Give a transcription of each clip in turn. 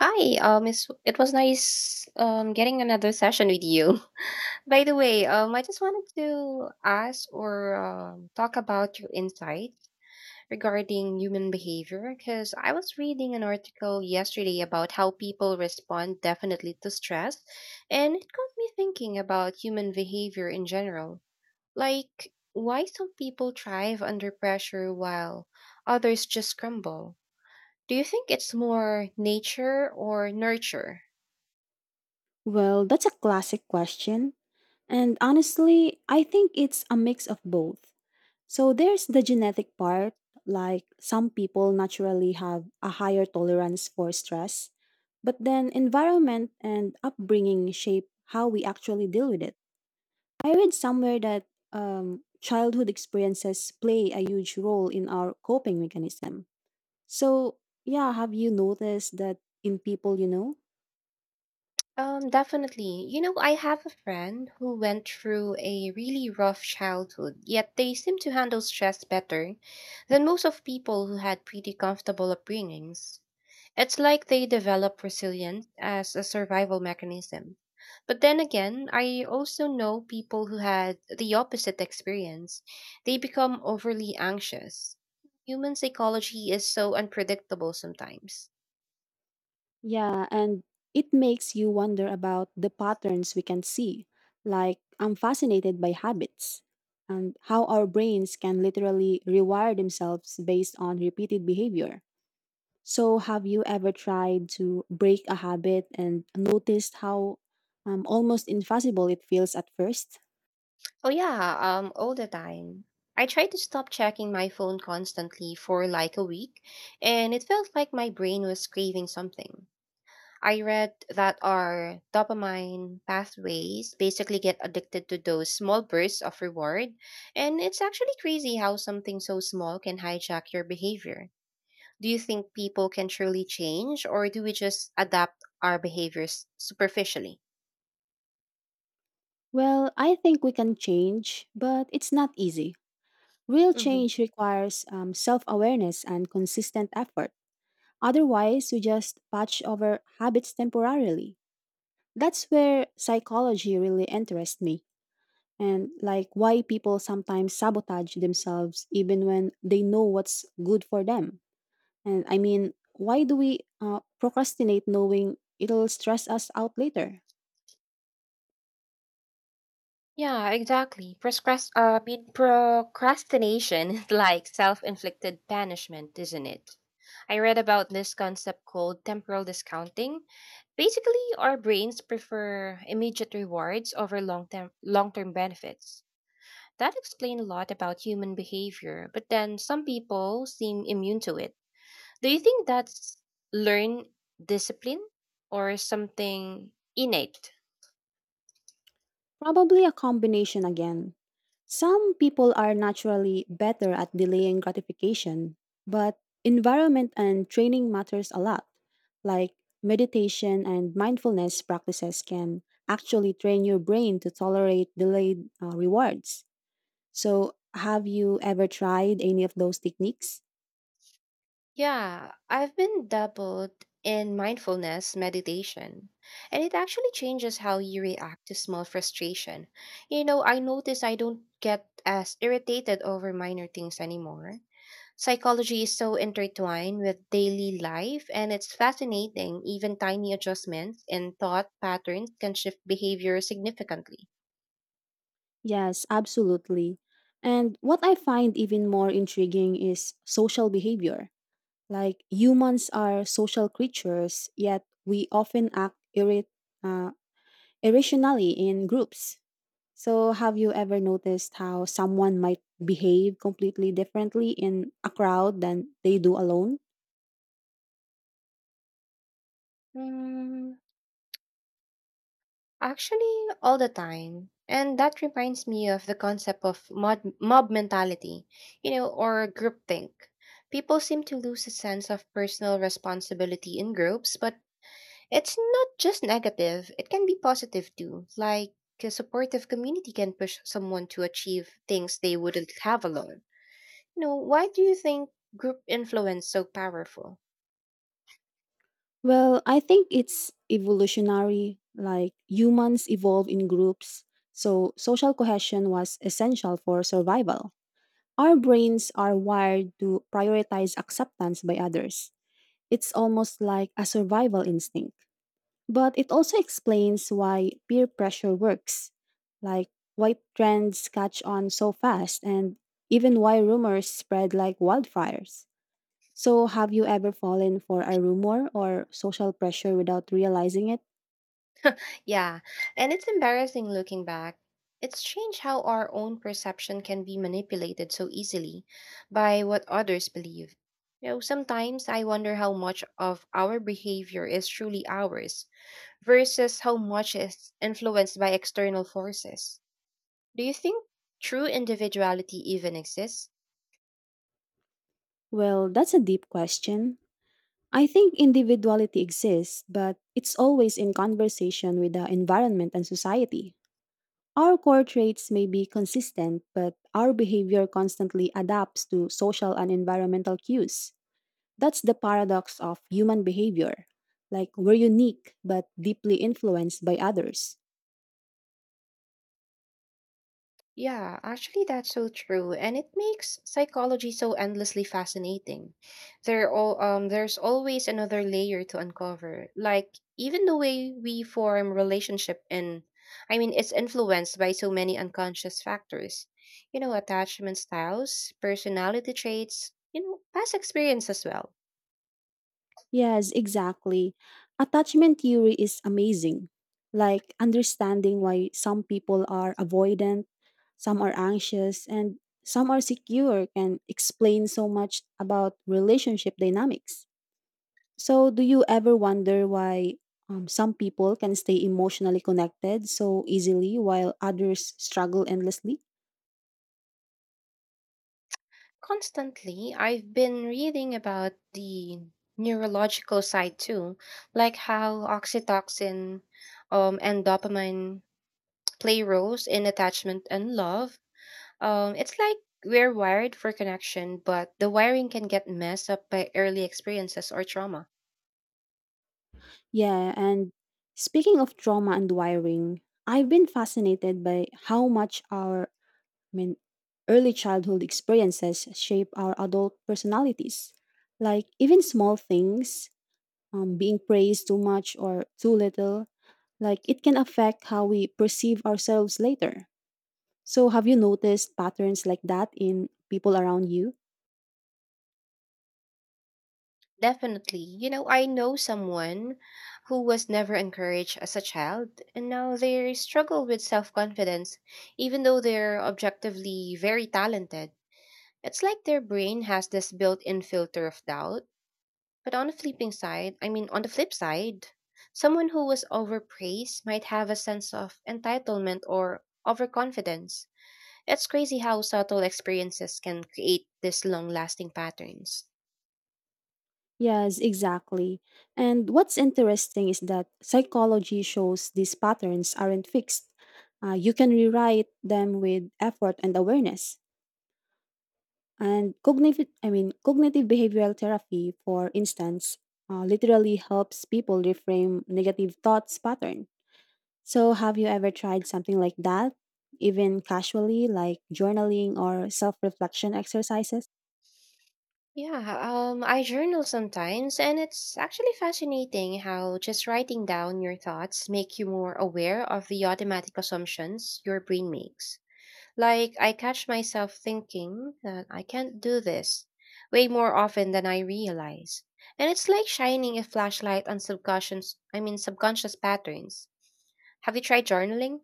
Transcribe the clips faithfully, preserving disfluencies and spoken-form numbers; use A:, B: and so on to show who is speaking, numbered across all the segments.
A: Hi, um, it's, it was nice um, getting another session with you. By the way, um, I just wanted to ask or um, talk about your insight regarding human behavior because I was reading an article yesterday about how people respond definitely to stress, and it got me thinking about human behavior in general. Like, why some people thrive under pressure while others just crumble? Do you think it's more nature or nurture?
B: Well, that's a classic question. And honestly, I think it's a mix of both. So there's the genetic part, like some people naturally have a higher tolerance for stress, but then environment and upbringing shape how we actually deal with it. I read somewhere that um, childhood experiences play a huge role in our coping mechanism. So, yeah, have you noticed that in people you know?
A: Um, definitely. You know, I have a friend who went through a really rough childhood, yet they seem to handle stress better than most of people who had pretty comfortable upbringings. It's like they develop resilience as a survival mechanism. But then again, I also know people who had the opposite experience. They become overly anxious. Human psychology is so unpredictable sometimes.
B: Yeah, and it makes you wonder about the patterns we can see. Like, I'm fascinated by habits and how our brains can literally rewire themselves based on repeated behavior. So, have you ever tried to break a habit and noticed how um, almost impossible it feels at first?
A: Oh yeah, um, all the time. I tried to stop checking my phone constantly for like a week, and it felt like my brain was craving something. I read that our dopamine pathways basically get addicted to those small bursts of reward, and it's actually crazy how something so small can hijack your behavior. Do you think people can truly change, or do we just adapt our behaviors superficially?
B: Well, I think we can change, but it's not easy. Real
A: Mm-hmm.
B: change requires um, self awareness and consistent effort. Otherwise, you just patch over habits temporarily. That's where psychology really interests me, and like why people sometimes sabotage themselves even when they know what's good for them. And I mean, why do we uh, procrastinate knowing it'll stress us out later?
A: Yeah, exactly. Proscras- uh, I mean, procrastination is like self-inflicted punishment, isn't it? I read about this concept called temporal discounting. Basically, our brains prefer immediate rewards over long-term long-term benefits. That explains a lot about human behavior, but then some people seem immune to it. Do you think that's learned discipline or something innate?
B: Probably a combination again. Some people are naturally better at delaying gratification, but environment and training matters a lot. Like meditation and mindfulness practices can actually train your brain to tolerate delayed uh, rewards. So, have you ever tried any of those techniques?
A: Yeah, I've been dabbled in mindfulness meditation, and it actually changes how you react to small frustration. You know, I notice I don't get as irritated over minor things anymore. Psychology is so intertwined with daily life, and it's fascinating. Even tiny adjustments in thought patterns can shift behavior significantly.
B: Yes, absolutely. And what I find even more intriguing is social behavior. Like humans are social creatures, yet we often act irri- uh, irrationally in groups. So, have you ever noticed how someone might behave completely differently in a crowd than they do alone?
A: Hmm. Actually, all the time. And that reminds me of the concept of mob, mob mentality, you know, or groupthink. People seem to lose a sense of personal responsibility in groups, but it's not just negative, it can be positive too. Like a supportive community can push someone to achieve things they wouldn't have alone. You know, why do you think group influence so powerful?
B: Well, I think it's evolutionary. Like humans evolve in groups, so social cohesion was essential for survival. Our brains are wired to prioritize acceptance by others. It's almost like a survival instinct. But it also explains why peer pressure works, like why trends catch on so fast, and even why rumors spread like wildfires. So, have you ever fallen for a rumor or social pressure without realizing it?
A: Yeah, and it's embarrassing looking back. It's strange how our own perception can be manipulated so easily by what others believe. You know, sometimes I wonder how much of our behavior is truly ours versus how much is influenced by external forces. Do you think true individuality even exists?
B: Well, that's a deep question. I think individuality exists, but it's always in conversation with the environment and society. Our core traits may be consistent, but our behavior constantly adapts to social and environmental cues. That's the paradox of human behavior. Like, we're unique, but deeply influenced by others.
A: Yeah, actually, that's so true, and it makes psychology so endlessly fascinating. There all um, there's always another layer to uncover. Like even the way we form relationship and I mean, it's influenced by so many unconscious factors. You know, attachment styles, personality traits, you know, past experience as well.
B: Yes, exactly. Attachment theory is amazing. Like, understanding why some people are avoidant, some are anxious, and some are secure can explain so much about relationship dynamics. So, do you ever wonder why um, some people can stay emotionally connected so easily while others struggle endlessly?
A: Constantly, I've been reading about the neurological side too, like how oxytocin um, and dopamine play roles in attachment and love. Um, it's like we're wired for connection, but the wiring can get messed up by early experiences or trauma.
B: Yeah, and speaking of trauma and wiring, I've been fascinated by how much our, I mean, early childhood experiences shape our adult personalities. Like even small things, um, being praised too much or too little, like it can affect how we perceive ourselves later. So have you noticed patterns like that in people around you?
A: Definitely. You know, I know someone who was never encouraged as a child, and now they struggle with self confidence, even though they're objectively very talented. It's like their brain has this built-in filter of doubt. But on the flipping side, I mean on the flip side, someone who was overpraised might have a sense of entitlement or overconfidence. It's crazy how subtle experiences can create these long-lasting patterns.
B: Yes, exactly. And what's interesting is that psychology shows these patterns aren't fixed. Uh, you can rewrite them with effort and awareness. And cognitive, I mean, cognitive behavioral therapy, for instance, uh, literally helps people reframe negative thoughts pattern. So, have you ever tried something like that, even casually, like journaling or self-reflection exercises?
A: Yeah, um I journal sometimes, and it's actually fascinating how just writing down your thoughts make you more aware of the automatic assumptions your brain makes. Like, I catch myself thinking that I can't do this way more often than I realize. And it's like shining a flashlight on subconscious, I mean, subconscious patterns. Have you tried journaling?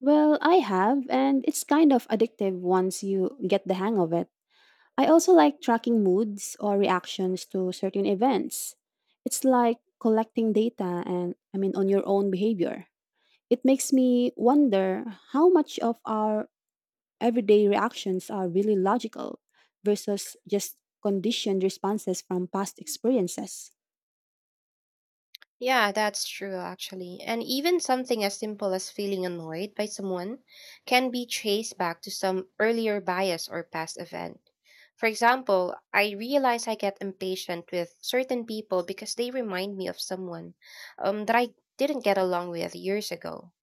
B: Well, I have, and it's kind of addictive once you get the hang of it. I also like tracking moods or reactions to certain events. It's like collecting data and I mean on your own behavior. It makes me wonder how much of our everyday reactions are really logical versus just conditioned responses from past experiences.
A: Yeah, that's true, actually. And even something as simple as feeling annoyed by someone can be traced back to some earlier bias or past event. For example, I realize I get impatient with certain people because they remind me of someone um, that I didn't get along with years ago.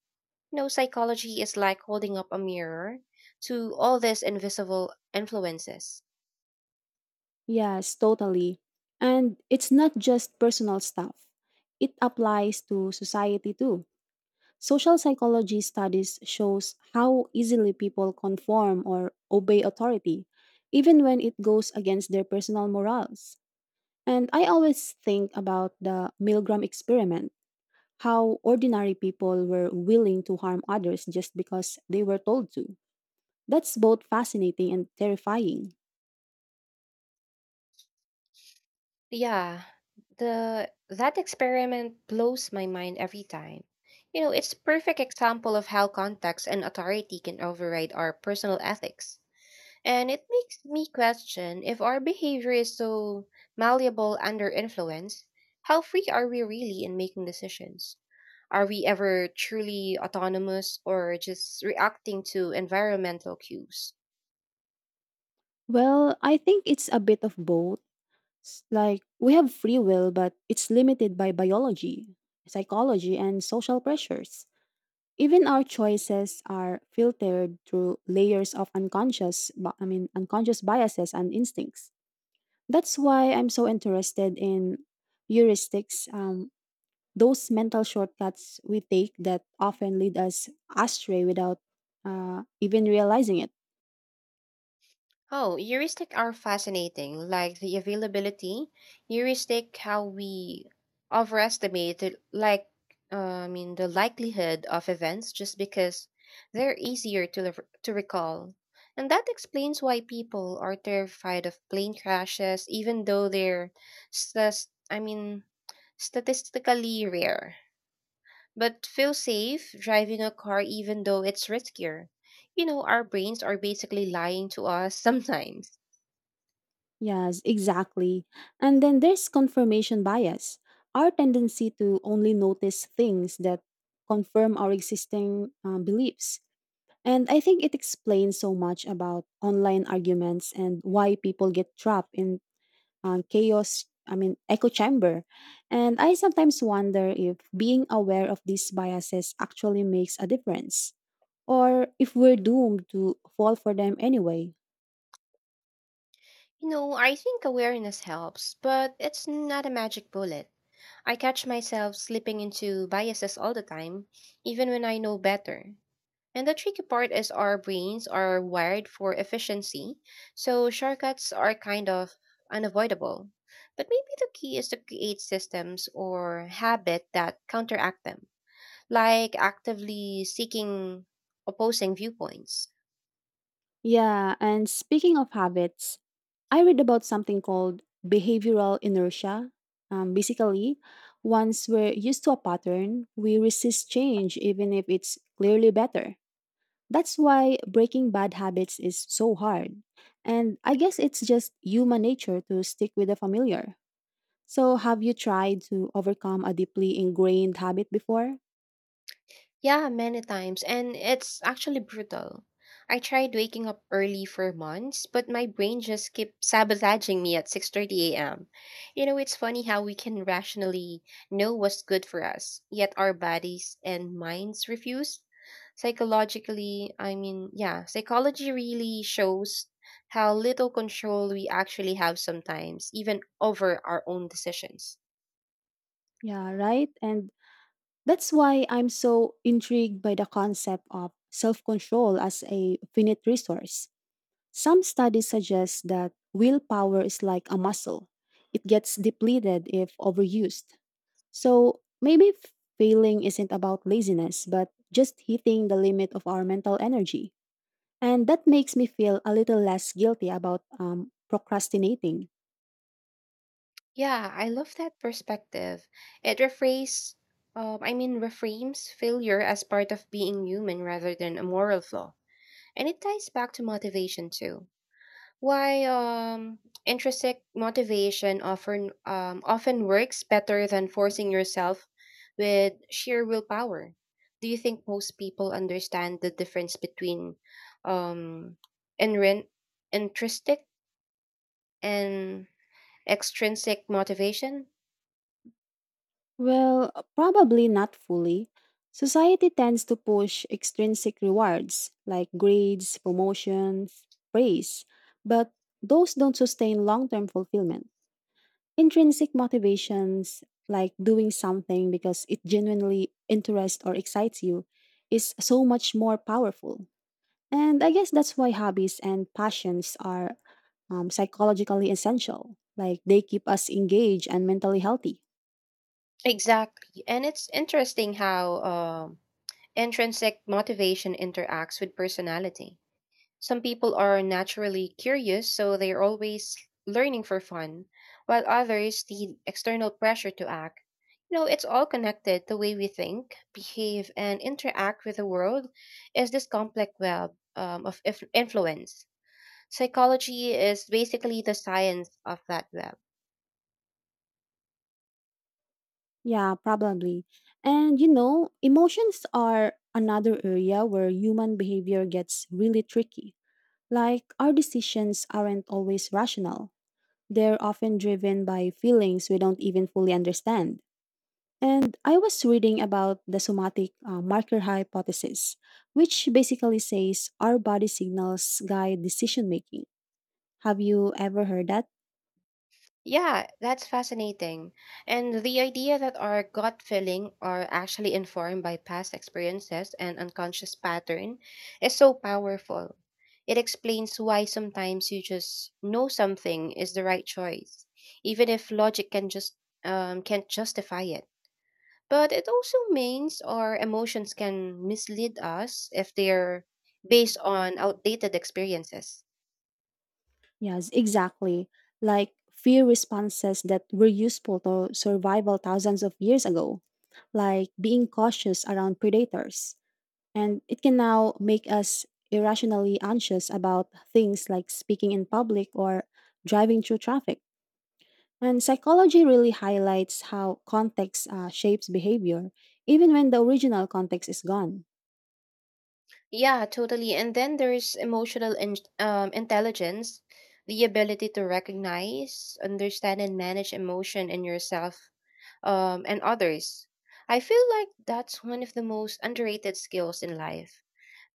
A: You know, psychology is like holding up a mirror to all these invisible influences.
B: Yes, totally. And it's not just personal stuff. It applies to society too. Social psychology studies shows how easily people conform or obey authority, even when it goes against their personal morals. And I always think about the Milgram experiment, how ordinary people were willing to harm others just because they were told to. That's both fascinating and terrifying.
A: Yeah, the that experiment blows my mind every time. You know, it's a perfect example of how context and authority can override our personal ethics. And it makes me question if our behavior is so malleable under influence, how free are we really in making decisions? Are we ever truly autonomous or just reacting to environmental cues?
B: Well, I think it's a bit of both. S- Like, we have free will, but it's limited by biology, psychology, and social pressures. Even our choices are filtered through layers of unconscious, bi- I mean, unconscious biases and instincts. That's why I'm so interested in heuristics, um, those mental shortcuts we take that often lead us astray without uh, even realizing it.
A: Oh, heuristic are fascinating, like the availability. Heuristic, how we overestimate it, like uh, I mean the likelihood of events just because they're easier to lev- to recall. And that explains why people are terrified of plane crashes, even though they're stas- I mean statistically rare. But feel safe driving a car even though it's riskier. You know, our brains are basically lying to us sometimes.
B: Yes, exactly. And then there's confirmation bias, our tendency to only notice things that confirm our existing um, beliefs. And I think it explains so much about online arguments and why people get trapped in uh, chaos, I mean, echo chamber. And I sometimes wonder if being aware of these biases actually makes a difference or if we're doomed to fall for them anyway.
A: You know, I think awareness helps, but it's not a magic bullet. I catch myself slipping into biases all the time, even when I know better. And the tricky part is our brains are wired for efficiency, so shortcuts are kind of unavoidable. But maybe the key is to create systems or habit that counteract them, like actively seeking opposing viewpoints.
B: Yeah, and speaking of habits, I read about something called behavioral inertia. Um, basically, once we're used to a pattern, we resist change even if it's clearly better. That's why breaking bad habits is so hard. And I guess it's just human nature to stick with the familiar. So, have you tried to overcome a deeply ingrained habit before?
A: Yeah, many times, and it's actually brutal. I tried waking up early for months, but my brain just kept sabotaging me at six thirty a m. You know, it's funny how we can rationally know what's good for us, yet our bodies and minds refuse. Psychologically, I mean, yeah, psychology really shows how little control we actually have sometimes, even over our own decisions.
B: Yeah, right? And that's why I'm so intrigued by the concept of self control as a finite resource. Some studies suggest that willpower is like a muscle, it gets depleted if overused. So maybe f- failing isn't about laziness, but just hitting the limit of our mental energy. And that makes me feel a little less guilty about um, procrastinating.
A: Yeah, I love that perspective. It rephrase, um, I mean, reframes failure as part of being human rather than a moral flaw, and it ties back to motivation too. Why um, Intrinsic motivation often um, often works better than forcing yourself with sheer willpower. Do you think most people understand the difference between um, inrin- intrinsic and extrinsic motivation?
B: Well, probably not fully. Society tends to push extrinsic rewards like grades, promotions, praise, but those don't sustain long term fulfillment. Intrinsic motivations, like doing something because it genuinely interests or excites you, is so much more powerful. And I guess that's why hobbies and passions are um, psychologically essential. Like they keep us engaged and mentally healthy.
A: Exactly. And it's interesting how um, intrinsic motivation interacts with personality. Some people are naturally curious, so they're always learning for fun, while others need external pressure to act. You know, it's all connected. The way we think, behave, and interact with the world is this complex web um, of inf- influence. Psychology is basically the science of that web.
B: Yeah, probably. And you know, emotions are another area where human behavior gets really tricky. Like our decisions aren't always rational. They're often driven by feelings we don't even fully understand. And I was reading about the somatic uh, marker hypothesis, which basically says our body signals guide decision making. Have you ever heard that?
A: Yeah, that's fascinating. And the idea that our gut feeling are actually informed by past experiences and unconscious pattern is so powerful. It explains why sometimes you just know something is the right choice, even if logic can just um, can't justify it. But it also means our emotions can mislead us if they're based on outdated experiences.
B: Yes, exactly. Like fear responses that were useful to survival thousands of years ago, like being cautious around predators. And it can now make us irrationally anxious about things like speaking in public or driving through traffic. And psychology really highlights how context uh, shapes behavior, even when the original context is gone.
A: Yeah, totally. And then there's emotional in- um, intelligence, the ability to recognize, understand, and manage emotion in yourself um, and others. I feel like that's one of the most underrated skills in life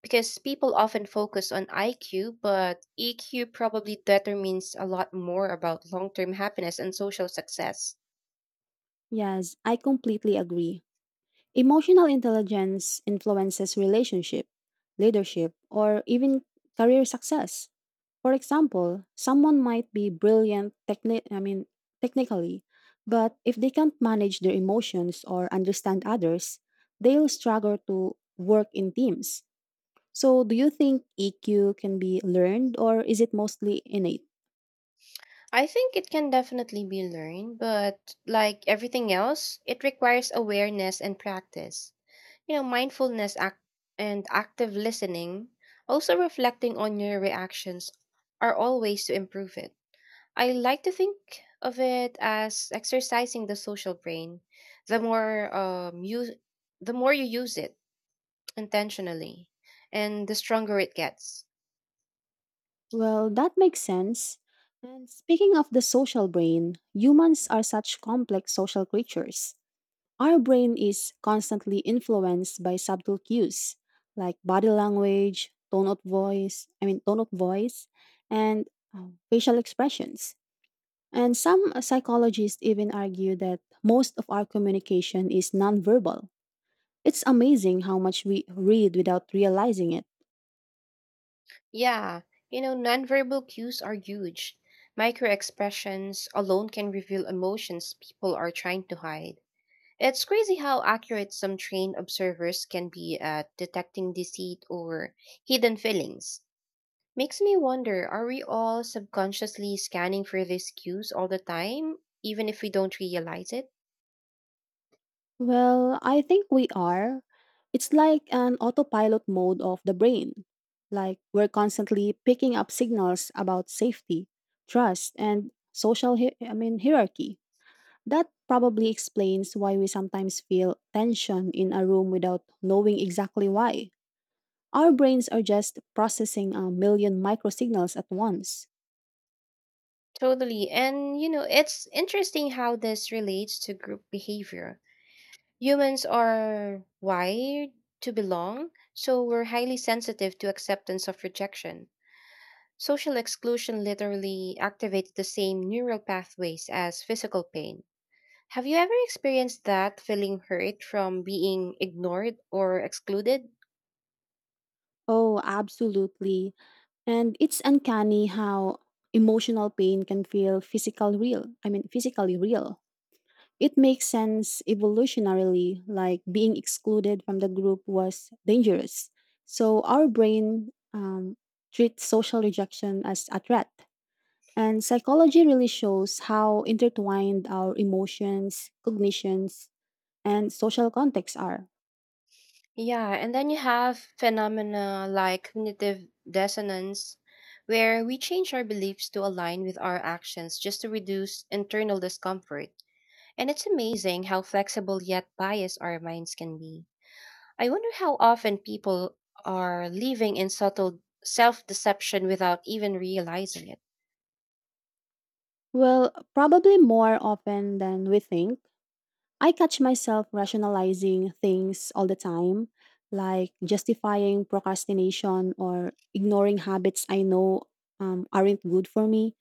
A: because people often focus on I Q, but E Q probably determines a lot more about long term happiness and social success.
B: Yes, I completely agree. Emotional intelligence influences relationship, leadership, or even career success. For example, someone might be brilliant techni- I mean technically, but if they can't manage their emotions or understand others, they'll struggle to work in teams. So, do you think E Q can be learned or is it mostly innate?
A: I think it can definitely be learned, but like everything else, it requires awareness and practice. You know, mindfulness act- and active listening, also reflecting on your reactions, are all ways to improve it. I like to think of it as exercising the social brain. The more um, you, the more you use it intentionally, and the stronger it gets.
B: Well, that makes sense. And speaking of the social brain, humans are such complex social creatures. Our brain is constantly influenced by subtle cues like body language, tone of voice, I mean, tone of voice, and uh, facial expressions. And some uh, psychologists even argue that most of our communication is nonverbal. It's amazing how much we read without realizing it.
A: Yeah, you know, nonverbal cues are huge. Micro expressions alone can reveal emotions people are trying to hide. It's crazy how accurate some trained observers can be at detecting deceit or hidden feelings. Makes me wonder are we all subconsciously scanning for these cues all the time, even if we don't realize it?
B: Well, I think we are. It's like an autopilot mode of the brain. Like we're constantly picking up signals about safety, trust, and social hi- I mean hierarchy. That probably explains why we sometimes feel tension in a room without knowing exactly why. Our brains are just processing a million microsignals at once.
A: Totally. And, you know, it's interesting how this relates to group behavior. Humans are wired to belong, so we're highly sensitive to acceptance of rejection. Social exclusion literally activates the same neural pathways as physical pain. Have you ever experienced that feeling hurt from being ignored or excluded?
B: Oh, absolutely. And it's uncanny how emotional pain can feel physical real. I mean, physically real. It makes sense evolutionarily, like being excluded from the group was dangerous. So our brain um, treats social rejection as a threat. And psychology really shows how intertwined our emotions, cognitions, and social contexts are.
A: Yeah, and then you have phenomena like cognitive dissonance, where we change our beliefs to align with our actions just to reduce internal discomfort. And it's amazing how flexible yet biased our minds can be. I wonder how often people are living in subtle self deception without even realizing it.
B: Well, probably more often than we think. I catch myself rationalizing things all the time, like justifying procrastination or ignoring habits I know um, aren't good for me.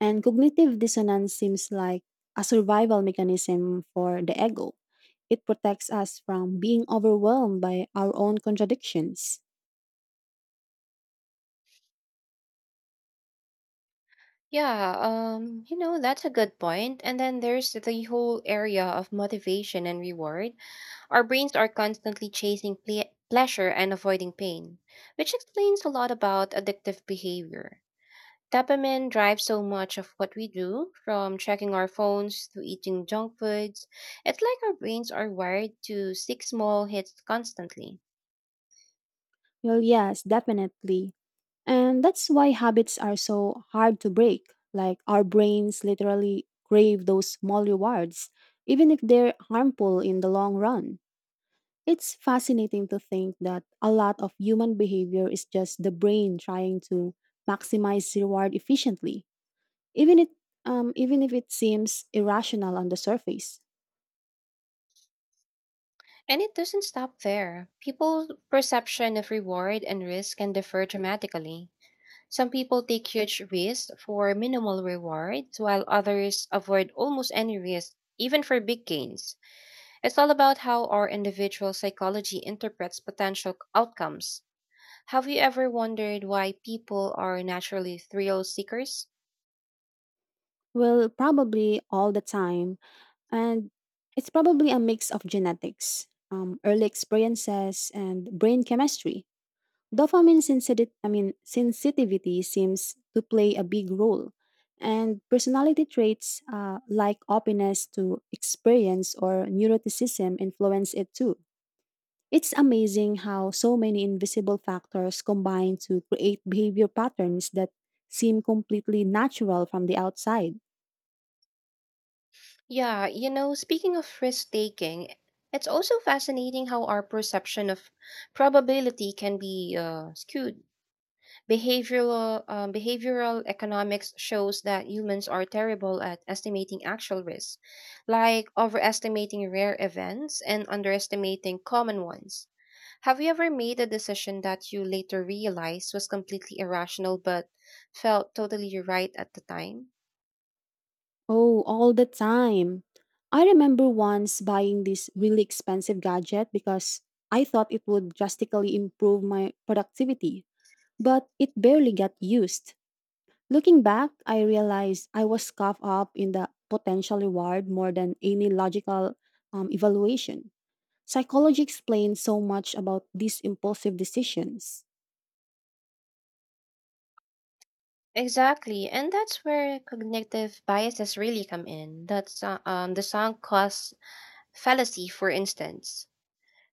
B: And cognitive dissonance seems like a survival mechanism for the ego. It protects us from being overwhelmed by our own contradictions.
A: Yeah, um, you know, that's a good point. And then there's the whole area of motivation and reward. Our brains are constantly chasing ple- pleasure and avoiding pain, which explains a lot about addictive behavior. Dopamine drives so much of what we do, from checking our phones to eating junk foods. It's like our brains are wired to seek small hits constantly.
B: Well, yes, definitely. And that's why habits are so hard to break. Like our brains literally crave those small rewards, even if they're harmful in the long run. It's fascinating to think that a lot of human behavior is just the brain trying to maximize reward efficiently, even it um, even if it seems irrational on the surface.
A: And it doesn't stop there. People's perception of reward and risk can differ dramatically. Some people take huge risks for minimal rewards, while others avoid almost any risk, even for big gains. It's all about how our individual psychology interprets potential outcomes. Have you ever wondered why people are naturally thrill seekers?
B: Well, probably all the time, and it's probably a mix of genetics, um, early experiences, and brain chemistry. Dopamine sensitive, I mean, sensitivity seems to play a big role, and personality traits uh, like openness to experience or neuroticism influence it too. It's amazing how so many invisible factors combine to create behavior patterns that seem completely natural from the outside.
A: Yeah, you know, speaking of risk taking, it's also fascinating how our perception of probability can be uh, skewed. Behavioral uh, behavioral economics shows that humans are terrible at estimating actual risks, like overestimating rare events and underestimating common ones. Have you ever made a decision that you later realized was completely irrational but felt totally right at the time?
B: Oh, all the time. I remember once buying this really expensive gadget because I thought it would drastically improve my productivity, but it barely got used. Looking back, I realized I was caught up in the potential reward more than any logical um, evaluation. Psychology explains so much about these impulsive decisions.
A: Exactly, and that's where cognitive biases really come in. That's uh, um, The sunk cost fallacy, for instance.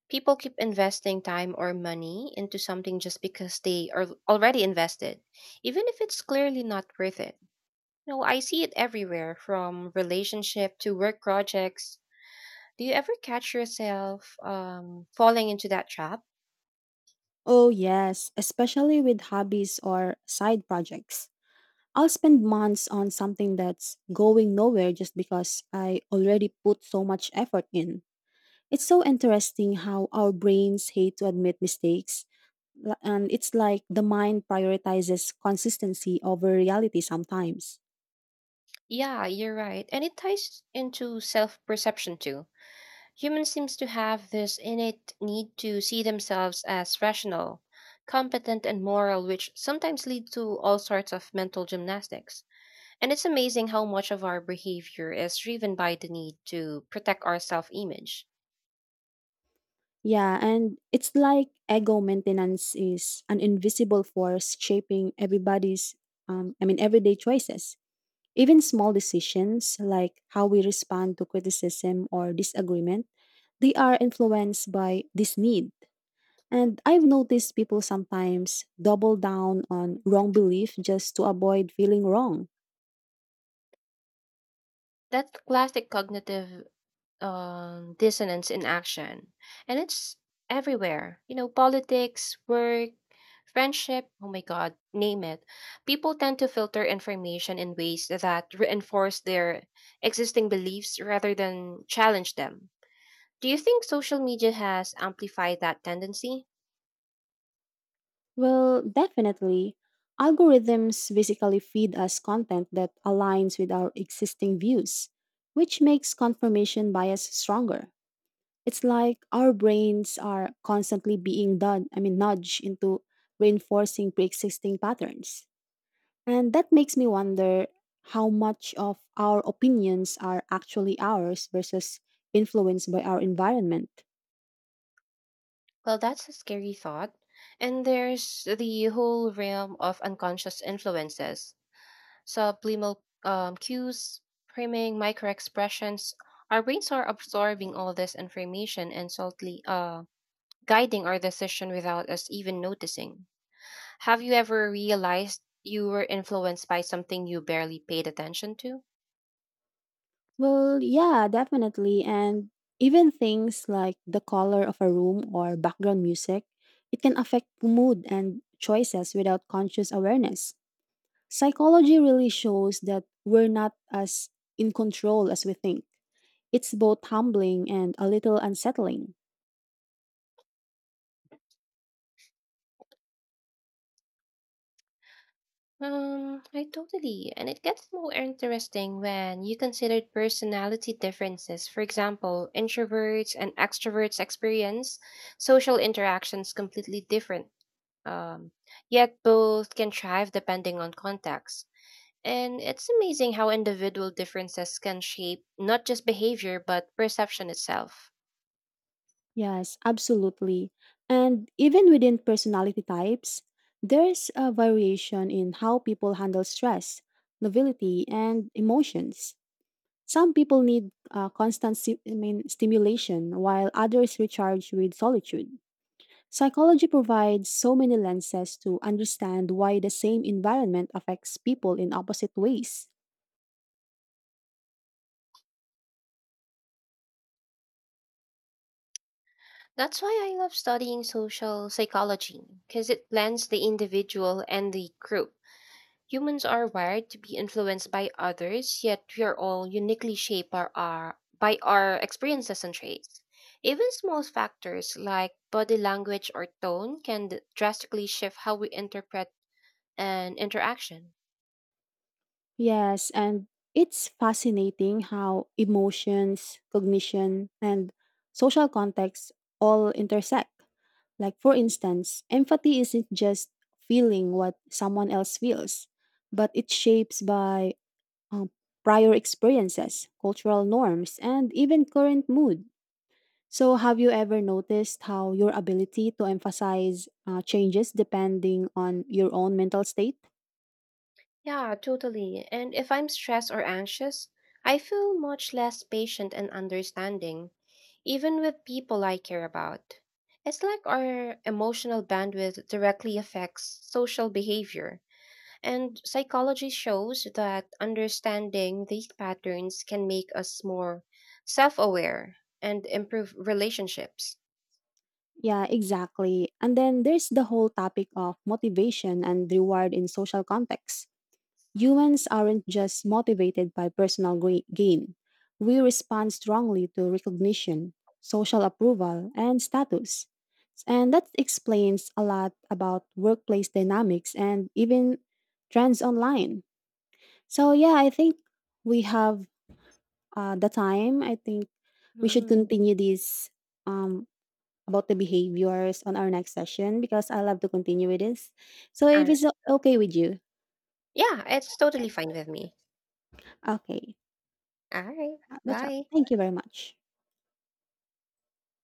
A: People keep investing time or money into something just because they are already invested, even if it's clearly not worth it. No, I see it everywhere, from relationship to work projects. Do you ever catch yourself um, falling into that trap?
B: Oh, yes, especially with hobbies or side projects. I'll spend months on something that's going nowhere just because I already put so much effort in. It's so interesting how our brains hate to admit mistakes. L- And it's like the mind prioritizes consistency over reality sometimes.
A: Yeah, you're right, and it ties into self perception too. Humans seems to have this innate need to see themselves as rational, competent and moral, which sometimes lead to all sorts of mental gymnastics. And it's amazing how much of our behavior is driven by the need to protect our self-image.
B: Yeah, and it's like ego maintenance is an invisible force shaping everybody's, um, I mean, everyday choices. Even small decisions like how we respond to criticism or disagreement, they are influenced by this need. And I've noticed people sometimes double down on wrong belief just to avoid feeling wrong.
A: That classic cognitive um, dissonance in action. And it's everywhere. You know, politics, work, friendship, oh my God, name it. People tend to filter information in ways that reinforce their existing beliefs rather than challenge them. Do you think social media has amplified that tendency?
B: Well, definitely, algorithms basically feed us content that aligns with our existing views, which makes confirmation bias stronger. It's like our brains are constantly being done, I mean nudged into reinforcing pre-existing patterns. And that makes me wonder how much of our opinions are actually ours versus influenced by our environment.
A: Well, that's a scary thought. And there's the whole realm of unconscious influences. Subliminal um, cues, priming, microexpressions. Our brains are absorbing all this information and subtly uh, guiding our decision without us even noticing. Have you ever realized you were influenced by something you barely paid attention to?
B: Well, yeah, definitely. And even things like the color of a room or background music, it can affect mood and choices without conscious awareness. Psychology really shows that we're not as in control as we think. It's both humbling and a little unsettling.
A: Um, I totally. And it gets more interesting when you consider personality differences. For example, introverts and extroverts experience social interactions completely different. Um, Yet both can thrive depending on context. And it's amazing how individual differences can shape not just behavior, but perception itself.
B: Yes, absolutely. And even within personality types, there's a variation in how people handle stress, novelty, and emotions. Some people need uh, constant sti- I mean, stimulation, while others recharge with solitude. Psychology provides so many lenses to understand why the same environment affects people in opposite ways.
A: That's why I love studying social psychology, because it blends the individual and the group. Humans are wired to be influenced by others, yet we are all uniquely shaped by our, by our experiences and traits. Even small factors like body language or tone can d- drastically shift how we interpret and interaction.
B: Yes, and it's fascinating how emotions, cognition, and social context all intersect. Like, for instance, empathy isn't just feeling what someone else feels, but it's shaped by um, prior experiences, cultural norms, and even current mood. So, have you ever noticed how your ability to emphasize uh, changes depending on your own mental state?
A: Yeah, totally. And if I'm stressed or anxious, I feel much less patient and understanding, even with people I care about. It's like our emotional bandwidth directly affects social behavior, and psychology shows that understanding these patterns can make us more self aware and improve relationships.
B: Yeah, exactly. And then there's the whole topic of motivation and reward in social contexts. Humans aren't just motivated by personal gra- gain. We respond strongly to recognition, social approval, and status. And that explains a lot about workplace dynamics and even trends online. So, yeah, I think we have uh, the time. I think we should
A: Hmm.
B: continue this um, about the behaviors on our next session because I love to continue with this. So
A: Uh,
B: if it's o- okay with you,
A: yeah, it's totally fine with me.
B: okay,
A: All right,
B: uh, that's up.
A: bye.
B: Thank you very much.